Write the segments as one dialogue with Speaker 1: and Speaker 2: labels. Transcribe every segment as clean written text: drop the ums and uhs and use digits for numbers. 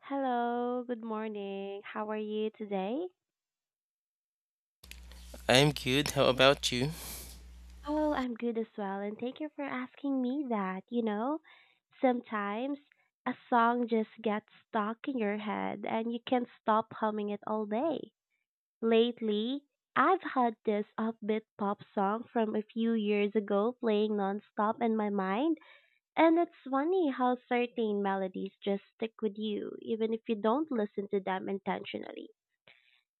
Speaker 1: Hello, good morning. How are you today?
Speaker 2: I'm good. How about you?
Speaker 1: Oh, I'm good as well, and thank you for asking me that. You know, sometimes a song just gets stuck in your head and you can't stop humming it all day. Lately, I've had this upbeat pop song from a few years ago playing nonstop in my mind, and it's funny how certain melodies just stick with you, even if you don't listen to them intentionally.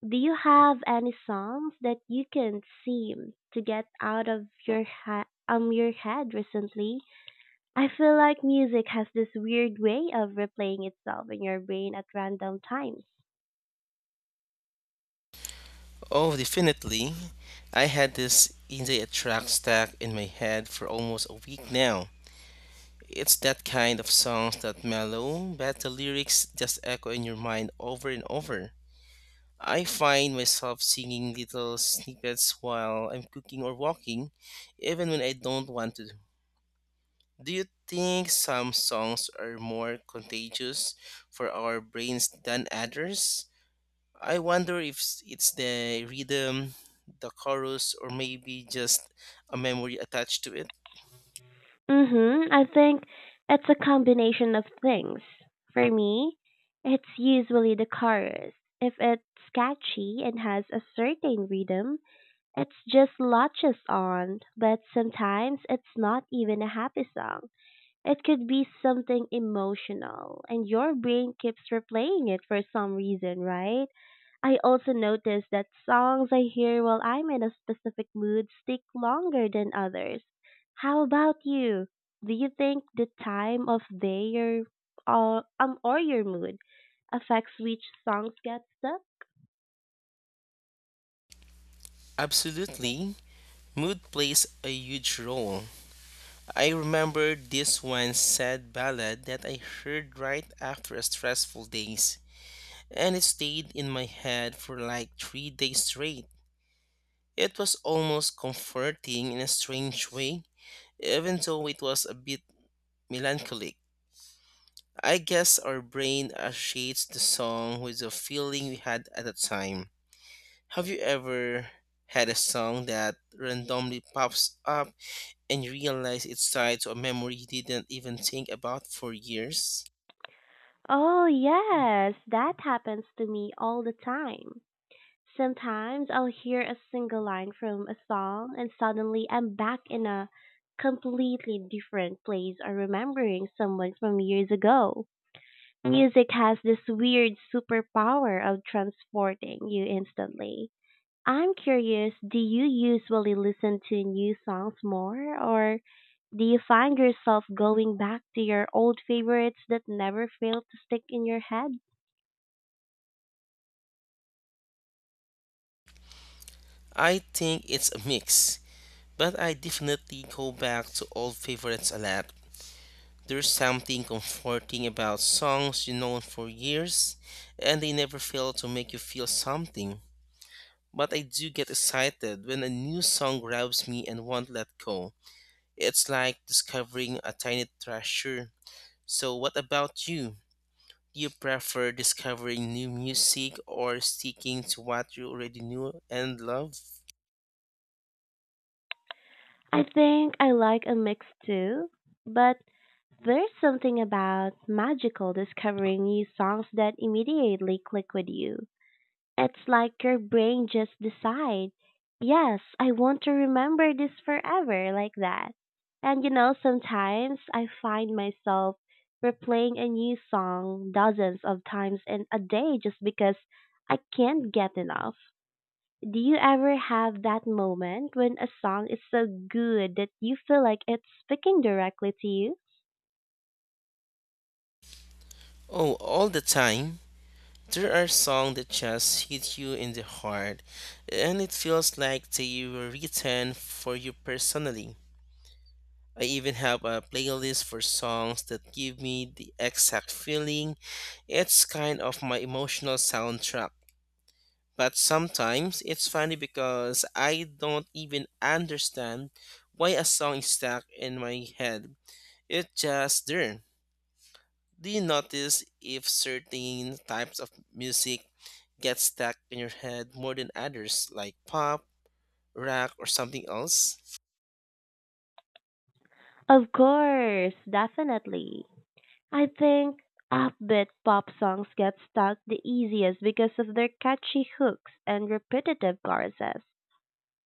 Speaker 1: Do you have any songs that you can't seem to get out of your head recently? I feel like music has this weird way of replaying itself in your brain at random times.
Speaker 2: Oh, definitely. I had this Indie track stack in my head for almost a week now. It's that kind of songs that mellow, but the lyrics just echo in your mind over and over. I find myself singing little snippets while I'm cooking or walking, even when I don't want to. Do you think some songs are more contagious for our brains than others? I wonder if s- it's the rhythm, the chorus, or maybe just a memory attached to it.
Speaker 1: Mhm. I think it's a combination of things. For me, it's usually the chorus. If it's catchy and has a certain rhythm, it's just latches on, but sometimes it's not even a happy song. It could be something emotional, and your brain keeps replaying it for some reason, right? I also notice that songs I hear while I'm in a specific mood stick longer than others. How about you? Do you think the time of day your or your mood affects which songs get stuck?
Speaker 2: Absolutely, mood plays a huge role. I remember this one sad ballad that I heard right after a stressful days, and it stayed in my head for like 3 days straight. It was almost comforting in a strange way, even though it was a bit melancholic. I guess our brain associates the song with the feeling we had at the time. Have you ever had a song that randomly pops up and you realize it's tied to a memory you didn't even think about for years?
Speaker 1: Oh yes, that happens to me all the time. Sometimes I'll hear a single line from a song and suddenly I'm back in a completely different place or remembering someone from years ago. Music has this weird superpower of transporting you instantly. I'm curious, do you usually listen to new songs more or do you find yourself going back to your old favorites that never fail to stick in your head?
Speaker 2: I think it's a mix, but I definitely go back to old favorites a lot. There's something comforting about songs you know for years and they never fail to make you feel something. But I do get excited when a new song grabs me and won't let go. It's like discovering a tiny treasure. So, what about you? Do you prefer discovering new music or sticking to what you already knew and love?
Speaker 1: I think I like a mix too, but there's something about magical discovering new songs that immediately click with you. It's like your brain just decide, yes, I want to remember this forever like that. And sometimes I find myself replaying a new song dozens of times in a day just because I can't get enough. Do you ever have that moment when a song is so good that you feel like it's speaking directly to you?
Speaker 2: Oh, all the time. There are songs that just hit you in the heart, and it feels like they were written for you personally. I even have a playlist for songs that give me the exact feeling. It's kind of my emotional soundtrack. But sometimes it's funny because I don't even understand why a song is stuck in my head. It's just there. Do you notice if certain types of music get stuck in your head more than others, like pop, rock, or something else?
Speaker 1: Of course, definitely. I think upbeat pop songs get stuck the easiest because of their catchy hooks and repetitive choruses.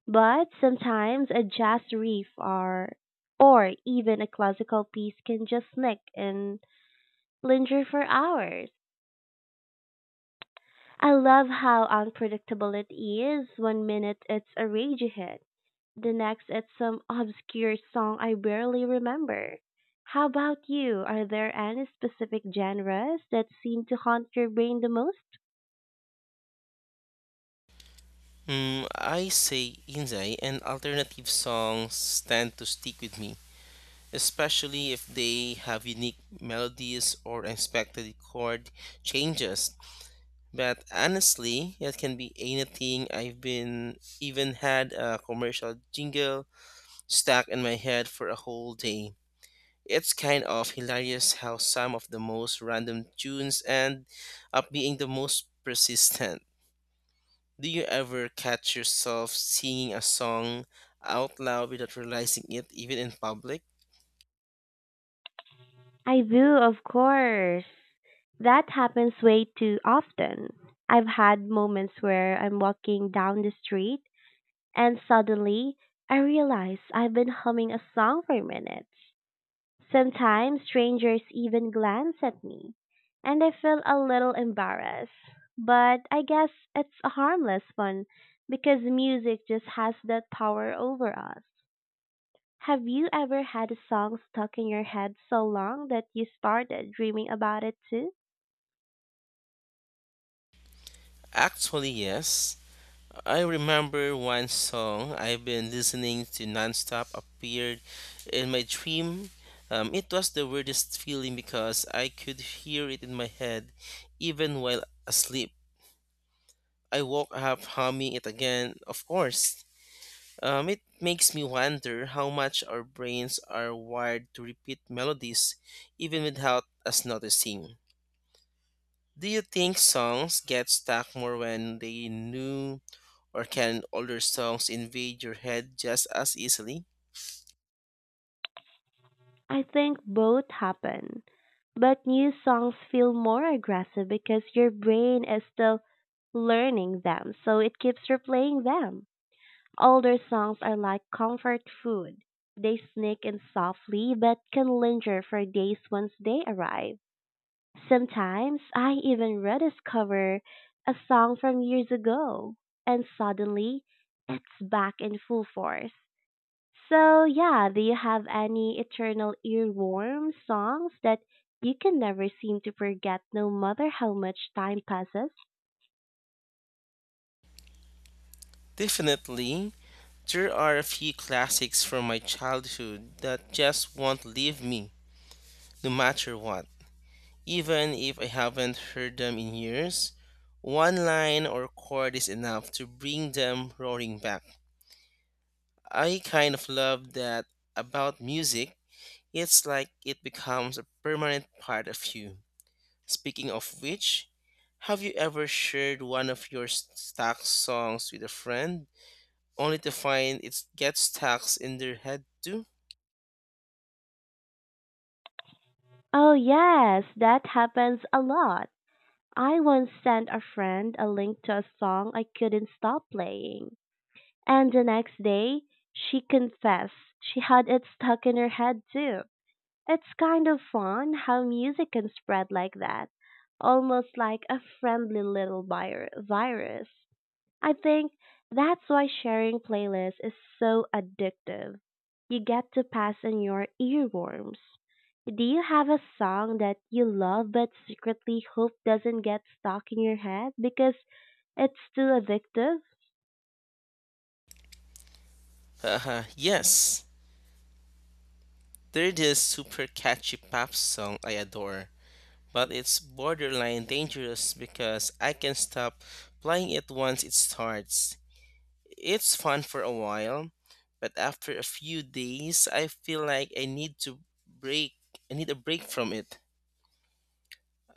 Speaker 1: But sometimes a jazz riff or even a classical piece can just sneak and linger for hours. I love how unpredictable it is. One minute it's a ragey hit. The next it's some obscure song I barely remember. How about you? Are there any specific genres that seem to haunt your brain the most?
Speaker 2: I say Inzai and alternative songs tend to stick with me, especially if they have unique melodies or unexpected chord changes. But honestly, it can be anything. I've been even had a commercial jingle stuck in my head for a whole day. It's kind of hilarious how some of the most random tunes end up being the most persistent. Do you ever catch yourself singing a song out loud without realizing it, even in public?
Speaker 1: I do, of course. That happens way too often. I've had moments where I'm walking down the street and suddenly I realize I've been humming a song for minutes. Sometimes strangers even glance at me, and I feel a little embarrassed. But I guess it's a harmless fun because music just has that power over us. Have you ever had a song stuck in your head so long that you started dreaming about it too?
Speaker 2: Actually, yes. I remember one song I've been listening to nonstop appeared in my dream. It was the weirdest feeling because I could hear it in my head even while asleep. I woke up humming it again, of course. It makes me wonder how much our brains are wired to repeat melodies even without us noticing. Do you think songs get stuck more when they new or can older songs invade your head just as easily?
Speaker 1: I think both happen, but new songs feel more aggressive because your brain is still learning them, so it keeps replaying them. Older songs are like comfort food. They sneak in softly but can linger for days once they arrive. Sometimes I even rediscover a song from years ago and suddenly it's back in full force. So, yeah, do you have any eternal earworm songs that you can never seem to forget no matter how much time passes?
Speaker 2: Definitely. There are a few classics from my childhood that just won't leave me, no matter what. Even if I haven't heard them in years, one line or chord is enough to bring them roaring back. I kind of love that about music. It's like it becomes a permanent part of you. Speaking of which, have you ever shared one of stuck songs with a friend, only to find it gets stuck in their head too?
Speaker 1: Oh, yes, that happens a lot. I once sent a friend a link to a song I couldn't stop playing, and the next day she confessed she had it stuck in her head too. It's kind of fun how music can spread like that, almost like a friendly little virus. I think that's why sharing playlists is so addictive. You get to pass on your earworms. Do you have a song that you love but secretly hope doesn't get stuck in your head because it's too addictive?
Speaker 2: Haha, yes. They're this super catchy pop song I adore, but it's borderline dangerous because I can stop playing it once it starts. It's fun for a while, but after a few days, I feel like I need to break. I need a break from it.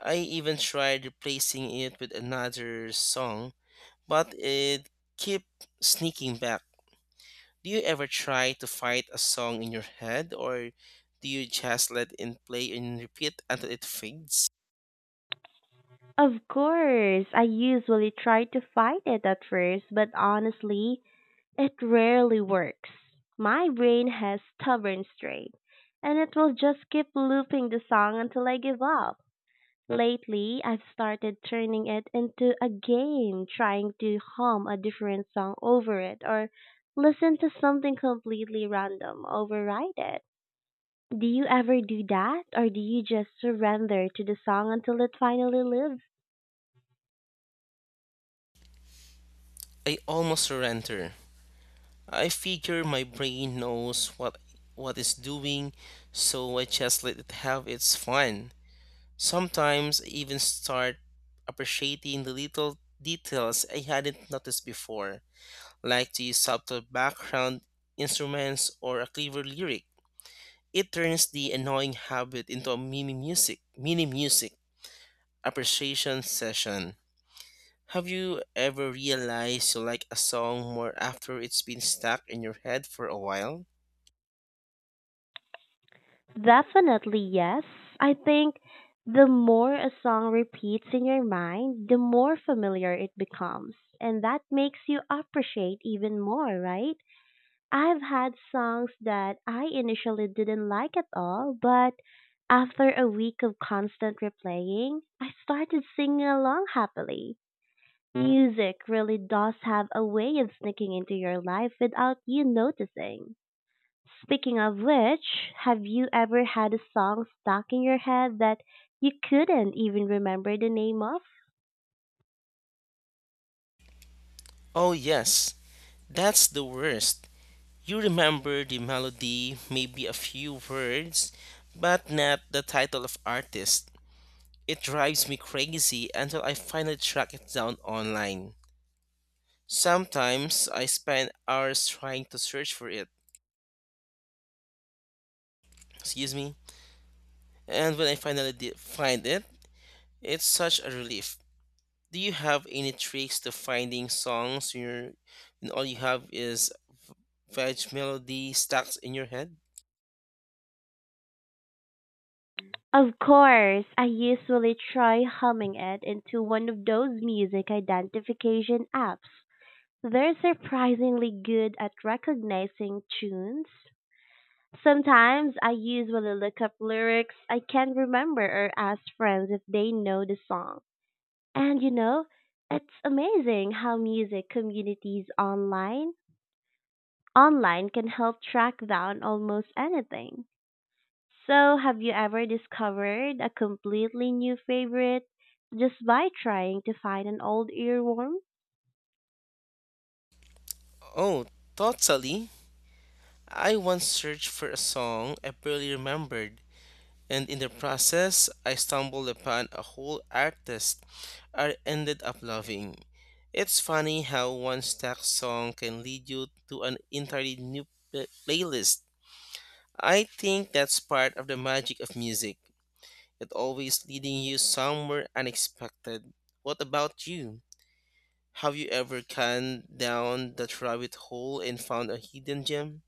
Speaker 2: I even tried replacing it with another song, but it kept sneaking back. Do you ever try to fight a song in your head, or do you just let it play and repeat until it fades?
Speaker 1: Of course, I usually try to fight it at first, but honestly, it rarely works. My brain has stubborn strain, and it will just keep looping the song until I give up. Lately, I've started turning it into a game, trying to hum a different song over it or listen to something completely random, override it. Do you ever do that or do you just surrender to the song until it finally lives?
Speaker 2: I almost surrender. I figure my brain knows what it's doing, so I just let it have its fun. Sometimes I even start appreciating the little details I hadn't noticed before, like the subtle background instruments or a clever lyric. It turns the annoying habit into a mini music appreciation session. Have you ever realized you like a song more after it's been stuck in your head for a while?
Speaker 1: Definitely yes. I think the more a song repeats in your mind, the more familiar it becomes. And that makes you appreciate even more, right? I've had songs that I initially didn't like at all, but after a week of constant replaying, I started singing along happily. Music really does have a way of sneaking into your life without you noticing. Speaking of which, have you ever had a song stuck in your head that you couldn't even remember the name of?
Speaker 2: Oh, yes, that's the worst. You remember the melody, maybe a few words, but not the title of artist. It drives me crazy until I finally track it down online. Sometimes I spend hours trying to search for it. Excuse me. And when I finally did find it, it's such a relief. Do you have any tricks to finding songs when, you're, and all you have is veg melody stacks in your head?
Speaker 1: Of course, I usually try humming it into one of those music identification apps. They're surprisingly good at recognizing tunes. Sometimes I usually look up lyrics I can't remember or ask friends if they know the song. And it's amazing how music communities online can help track down almost anything. So, have you ever discovered a completely new favorite just by trying to find an old earworm?
Speaker 2: Oh, totally. I once searched for a song I barely remembered, and in the process, I stumbled upon a whole artist I ended up loving. It's funny how one stack song can lead you to an entirely new playlist. I think that's part of the magic of music. It always leading you somewhere unexpected. What about you? Have you ever gone down that rabbit hole and found a hidden gem?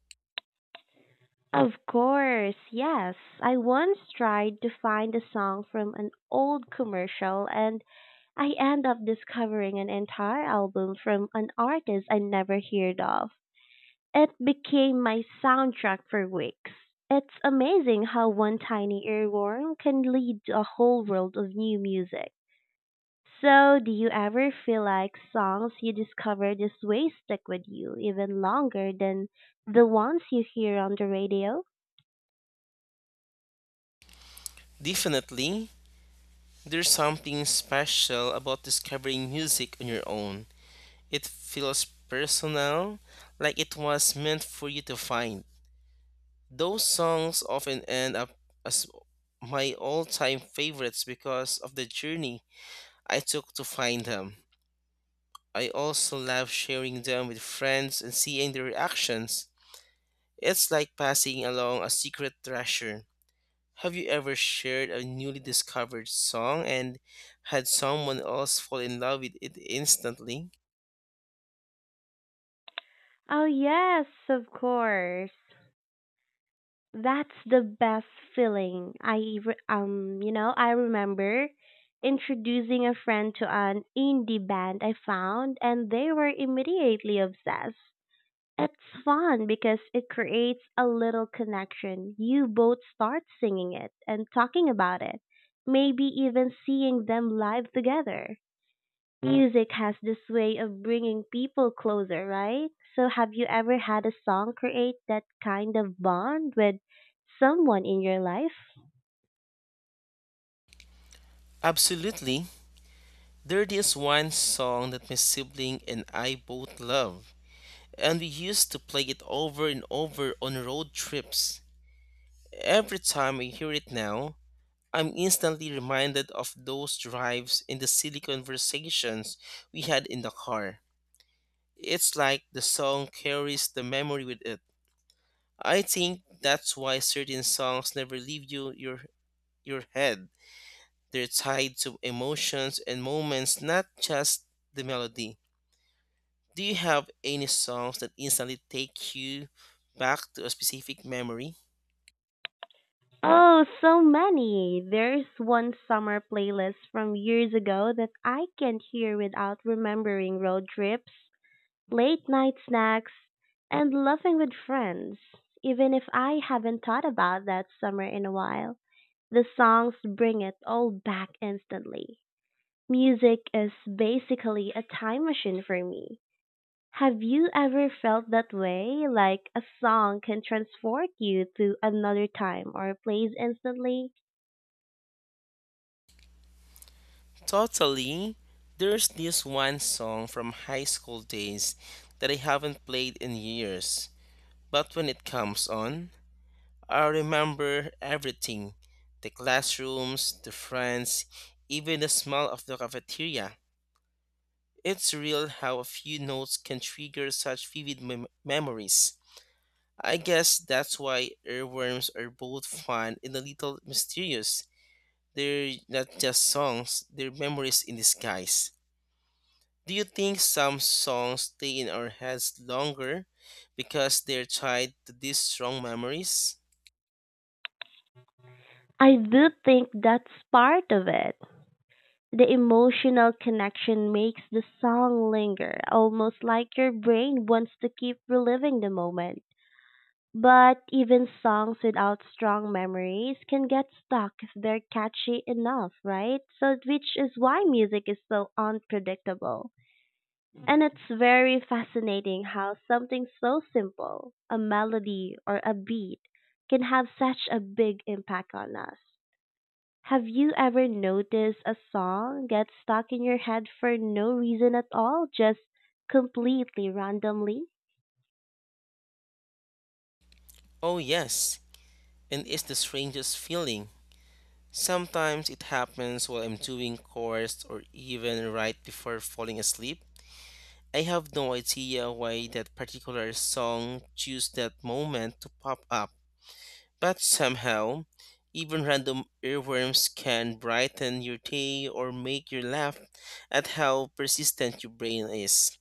Speaker 1: Of course, yes. I once tried to find a song from an old commercial and I end up discovering an entire album from an artist I never heard of. It became my soundtrack for weeks. It's amazing how one tiny earworm can lead to a whole world of new music. So, do you ever feel like songs you discover this way stick with you even longer than the ones you hear on the radio?
Speaker 2: Definitely, there's something special about discovering music on your own. It feels personal, like it was meant for you to find. Those songs often end up as my all time favorites because of the journey I took to find them. I also love sharing them with friends and seeing their reactions. It's like passing along a secret treasure. Have you ever shared a newly discovered song and had someone else fall in love with it instantly?
Speaker 1: Oh, yes, of course. That's the best feeling. I re- you know, I remember introducing a friend to an indie band I found and they were immediately obsessed. It's fun because it creates a little connection. You both start singing it and talking about it. Maybe even seeing them live together. Music has this way of bringing people closer, right? So, have you ever had a song create that kind of bond with someone in your life?
Speaker 2: Absolutely. There is one song that my sibling and I both love, and we used to play it over and over on road trips. Every time I hear it now, I'm instantly reminded of those drives and the silly conversations we had in the car. It's like the song carries the memory with it. I think that's why certain songs never leave your head. They're tied to emotions and moments, not just the melody. Do you have any songs that instantly take you back to a specific memory?
Speaker 1: Oh, so many. There's one summer playlist from years ago that I can't hear without remembering road trips, late night snacks, and laughing with friends. Even if I haven't thought about that summer in a while, the songs bring it all back instantly. Music is basically a time machine for me. Have you ever felt that way? Like a song can transport you to another time or place instantly?
Speaker 2: Totally. There's this one song from high school days that I haven't played in years, but when it comes on, I remember everything: the classrooms, the friends, even the smell of the cafeteria. It's real how a few notes can trigger such vivid memories. I guess that's why earworms are both fun and a little mysterious. They're not just songs, they're memories in disguise. Do you think some songs stay in our heads longer because they're tied to these strong memories?
Speaker 1: I do think that's part of it. The emotional connection makes the song linger, almost like your brain wants to keep reliving the moment. But even songs without strong memories can get stuck if they're catchy enough, right? So, which is why music is so unpredictable. And it's very fascinating how something so simple, a melody or a beat, can have such a big impact on us. Have you ever noticed a song get stuck in your head for no reason at all, just completely randomly?
Speaker 2: Oh, yes, and it's the strangest feeling. Sometimes it happens while I'm doing chores or even right before falling asleep. I have no idea why that particular song chose that moment to pop up, but somehow, even random earworms can brighten your day or make you laugh at how persistent your brain is.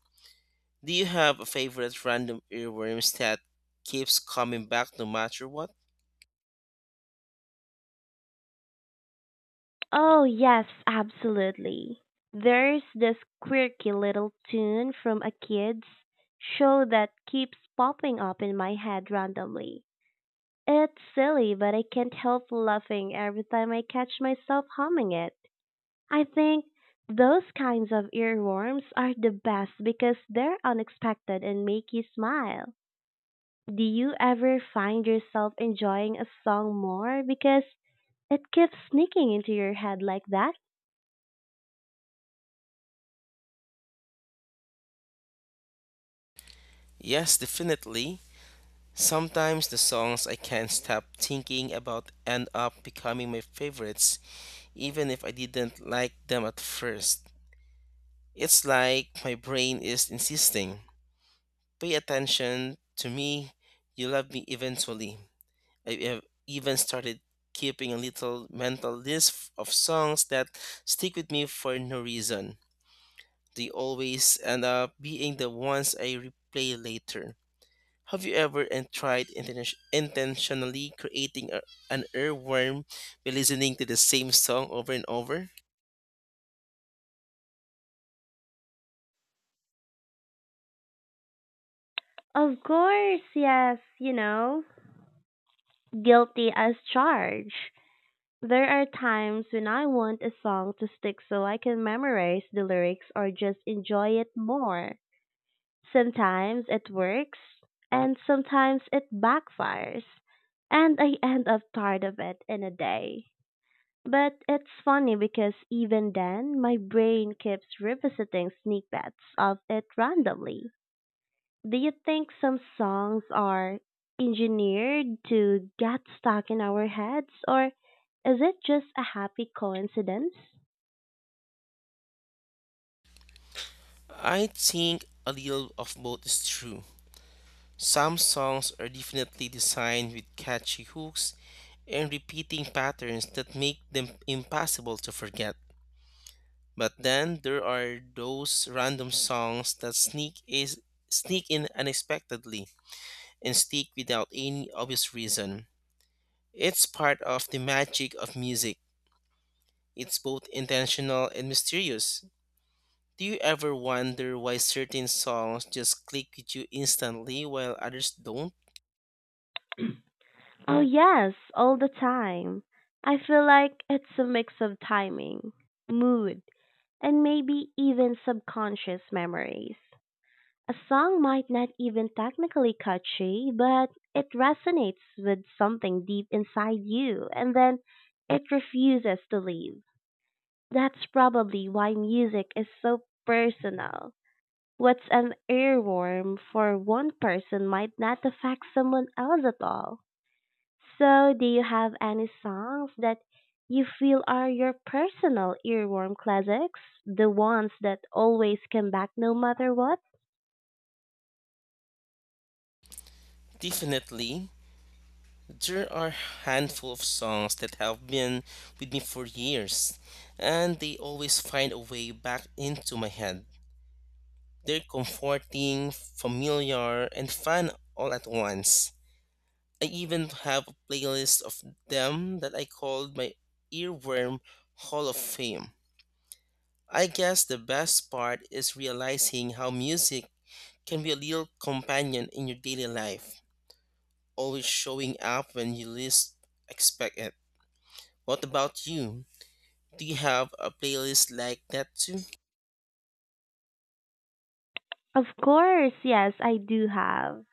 Speaker 2: Do you have a favorite random earworms that keeps coming back no matter what?
Speaker 1: Oh, yes, absolutely. There's this quirky little tune from a kid's show that keeps popping up in my head randomly. It's silly, but I can't help laughing every time I catch myself humming it. I think those kinds of earworms are the best because they're unexpected and make you smile. Do you ever find yourself enjoying a song more because it keeps sneaking into your head like that?
Speaker 2: Yes, definitely. Sometimes the songs I can't stop thinking about end up becoming my favorites, even if I didn't like them at first. It's like my brain is insisting pay attention to me, you love me eventually. I have even started keeping a little mental list of songs that stick with me for no reason. They always end up being the ones I replay later. Have you ever intentionally creating an earworm by listening to the same song over and over?
Speaker 1: Of course, yes, guilty as charged. There are times when I want a song to stick so I can memorize the lyrics or just enjoy it more. Sometimes it works, and sometimes it backfires, and I end up tired of it in a day. But it's funny because even then, my brain keeps revisiting snippets of it randomly. Do you think some songs are engineered to get stuck in our heads, or is it just a happy coincidence?
Speaker 2: I think a little of both is true. Some songs are definitely designed with catchy hooks and repeating patterns that make them impossible to forget. But then there are those random songs that sneak in unexpectedly and stick without any obvious reason. It's part of the magic of music. It's both intentional and mysterious. Do you ever wonder why certain songs just click with you instantly while others don't?
Speaker 1: Oh, yes, all the time. I feel like it's a mix of timing, mood, and maybe even subconscious memories. A song might not even technically catchy, but it resonates with something deep inside you, and then it refuses to leave. That's probably why music is so personal. What's an earworm for one person might not affect someone else at all. So, do you have any songs that you feel are your personal earworm classics? The ones that always come back no matter what?
Speaker 2: Definitely, there are handful of songs that have been with me for years, and they always find a way back into my head. They're comforting, familiar, and fun all at once. I even have a playlist of them that I called my earworm Hall of Fame. I guess the best part is realizing how music can be a little companion in your daily life, always showing up when you least expect it. What about you? Do you have a playlist like that too?
Speaker 1: Of course, yes, I do have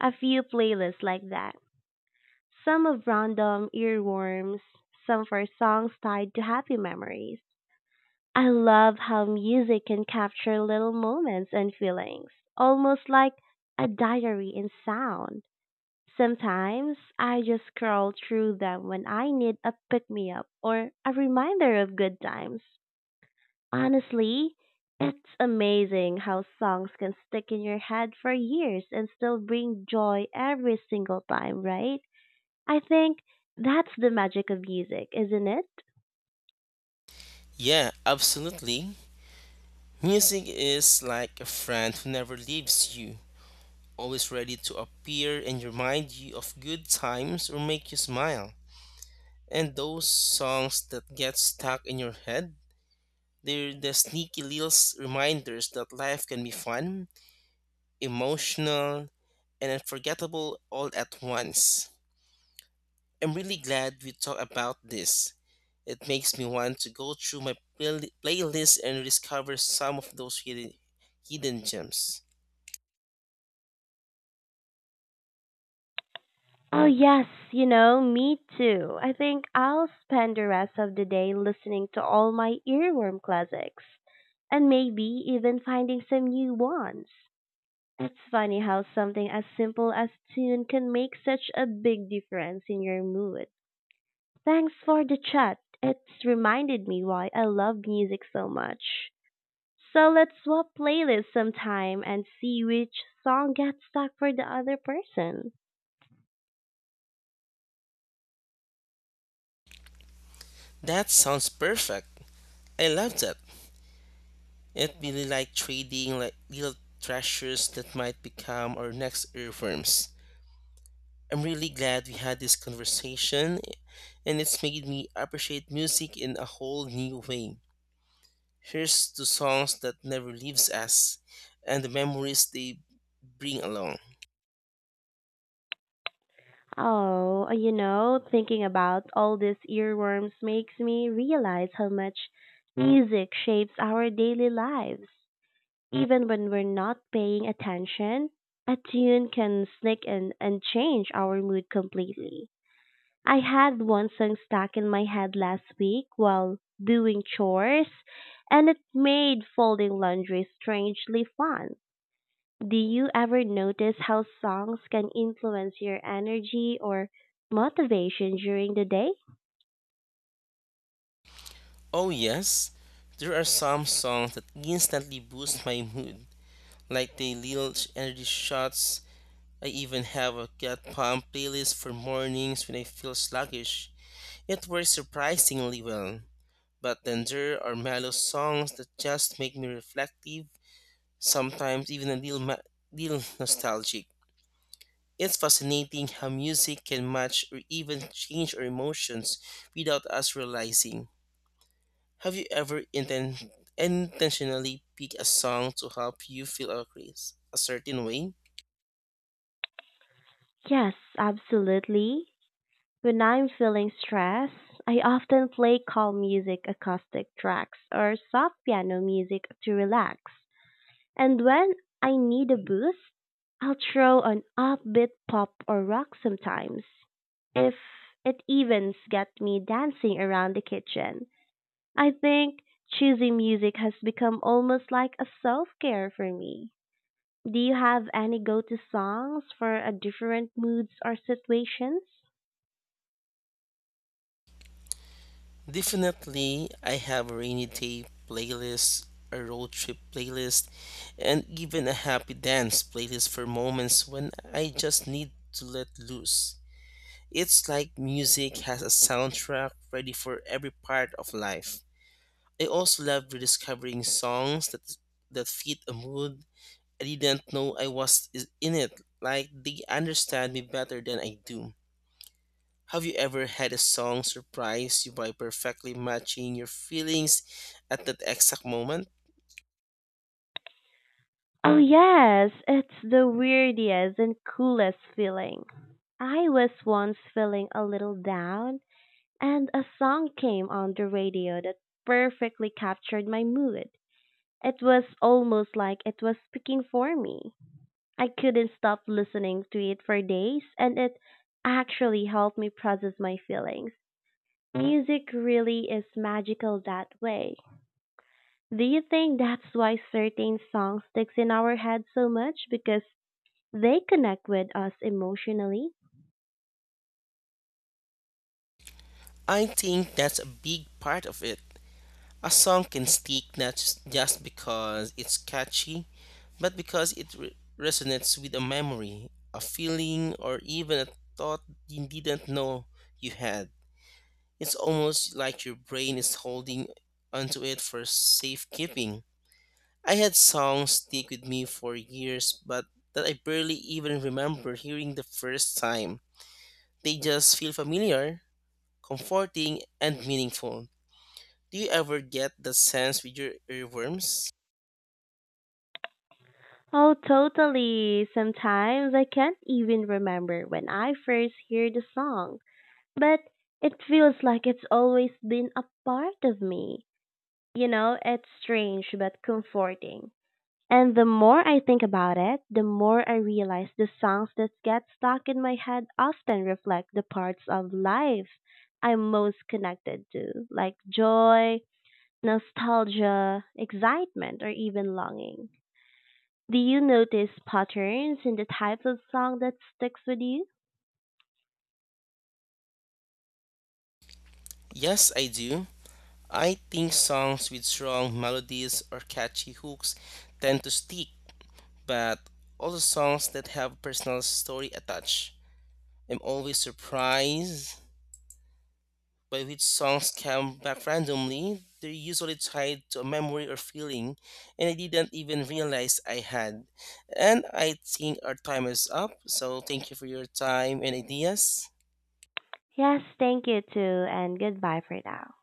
Speaker 1: a few playlists like that. Some of random earworms, some for songs tied to happy memories. I love how music can capture little moments and feelings, almost like a diary in sound. Sometimes I just scroll through them when I need a pick me up or a reminder of good times. Honestly, it's amazing how songs can stick in your head for years and still bring joy every single time, right? I think that's the magic of music, isn't it?
Speaker 2: Yeah, absolutely. Music is like a friend who never leaves you, always ready to appear and remind you of good times or make you smile. And those songs that get stuck in your head, they're the sneaky little reminders that life can be fun, emotional, and unforgettable all at once. I'm really glad we talked about this. It makes me want to go through my playlist and discover some of those hidden gems.
Speaker 1: Oh, yes, me too. I think I'll spend the rest of the day listening to all my earworm classics and maybe even finding some new ones. It's funny how something as simple as tune can make such a big difference in your mood. Thanks for the chat. It's reminded me why I love music so much. So let's swap playlists sometime and see which song gets stuck for the other person.
Speaker 2: That sounds perfect. I love that. It really like trading like little treasures that might become our next earworms. I'm really glad we had this conversation and it's made me appreciate music in a whole new way. Here's to songs that never leaves us and the memories they bring along.
Speaker 1: Oh, thinking about all these earworms makes me realize how much music shapes our daily lives. Even when we're not paying attention, a tune can sneak in and change our mood completely. I had one song stuck in my head last week while doing chores, and it made folding laundry strangely fun. Do you ever notice how songs can influence your energy or motivation during the day?
Speaker 2: Oh yes, there are some songs that instantly boost my mood, like the little energy shots. I even have a gut pump playlist for mornings when I feel sluggish. It works surprisingly well. But then there are mellow songs that just make me reflective, sometimes even a little, little nostalgic. It's fascinating how music can match or even change our emotions without us realizing. Have you ever intentionally picked a song to help you feel a certain way?
Speaker 1: Yes, absolutely. When I'm feeling stressed, I often play calm music, acoustic tracks, or soft piano music to relax. And when I need a boost, I'll throw on upbeat pop or rock sometimes. If it even gets me dancing around the kitchen. I think choosing music has become almost like a self care for me. Do you have any go to songs for a different moods or situations?
Speaker 2: Definitely, I have a rainy day playlist, a road trip playlist, and even a happy dance playlist for moments when I just need to let loose. It's like music has a soundtrack ready for every part of life. I also love rediscovering songs that that fit a mood I didn't know I in it, like they understand me better than I do. Have you ever had a song surprise you by perfectly matching your feelings at that exact moment?
Speaker 1: Oh, yes, it's the weirdest and coolest feeling. I was once feeling a little down, and a song came on the radio that perfectly captured my mood. It was almost like it was speaking for me. I couldn't stop listening to it for days, and it actually helped me process my feelings. Music really is magical that way. Do you think that's why certain songs sticks in our head so much because they connect with us emotionally?
Speaker 2: I think that's a big part of it. A song can stick not just because it's catchy, but because it resonates with a memory, a feeling, or even a thought you didn't know you had. It's almost like your brain is holding onto it for safekeeping. I had songs stick with me for years, but that I barely even remember hearing the first time. They just feel familiar, comforting, and meaningful. Do you ever get that sense with your earworms?
Speaker 1: Oh, totally. Sometimes I can't even remember when I first hear the song, but it feels like it's always been a part of me. You know, it's strange but comforting. And the more I think about it, the more I realize the songs that get stuck in my head often reflect the parts of life I'm most connected to, like joy, nostalgia, excitement, or even longing. Do you notice patterns in the types of song that sticks with you?
Speaker 2: Yes, I do. I think songs with strong melodies or catchy hooks tend to stick, but also songs that have personal story attached. I'm always surprised by which songs come back randomly, they're usually tied to a memory or feeling, and I didn't even realize I had. And I think our time is up, so thank you for your time and ideas.
Speaker 1: Yes, thank you too, and goodbye for now.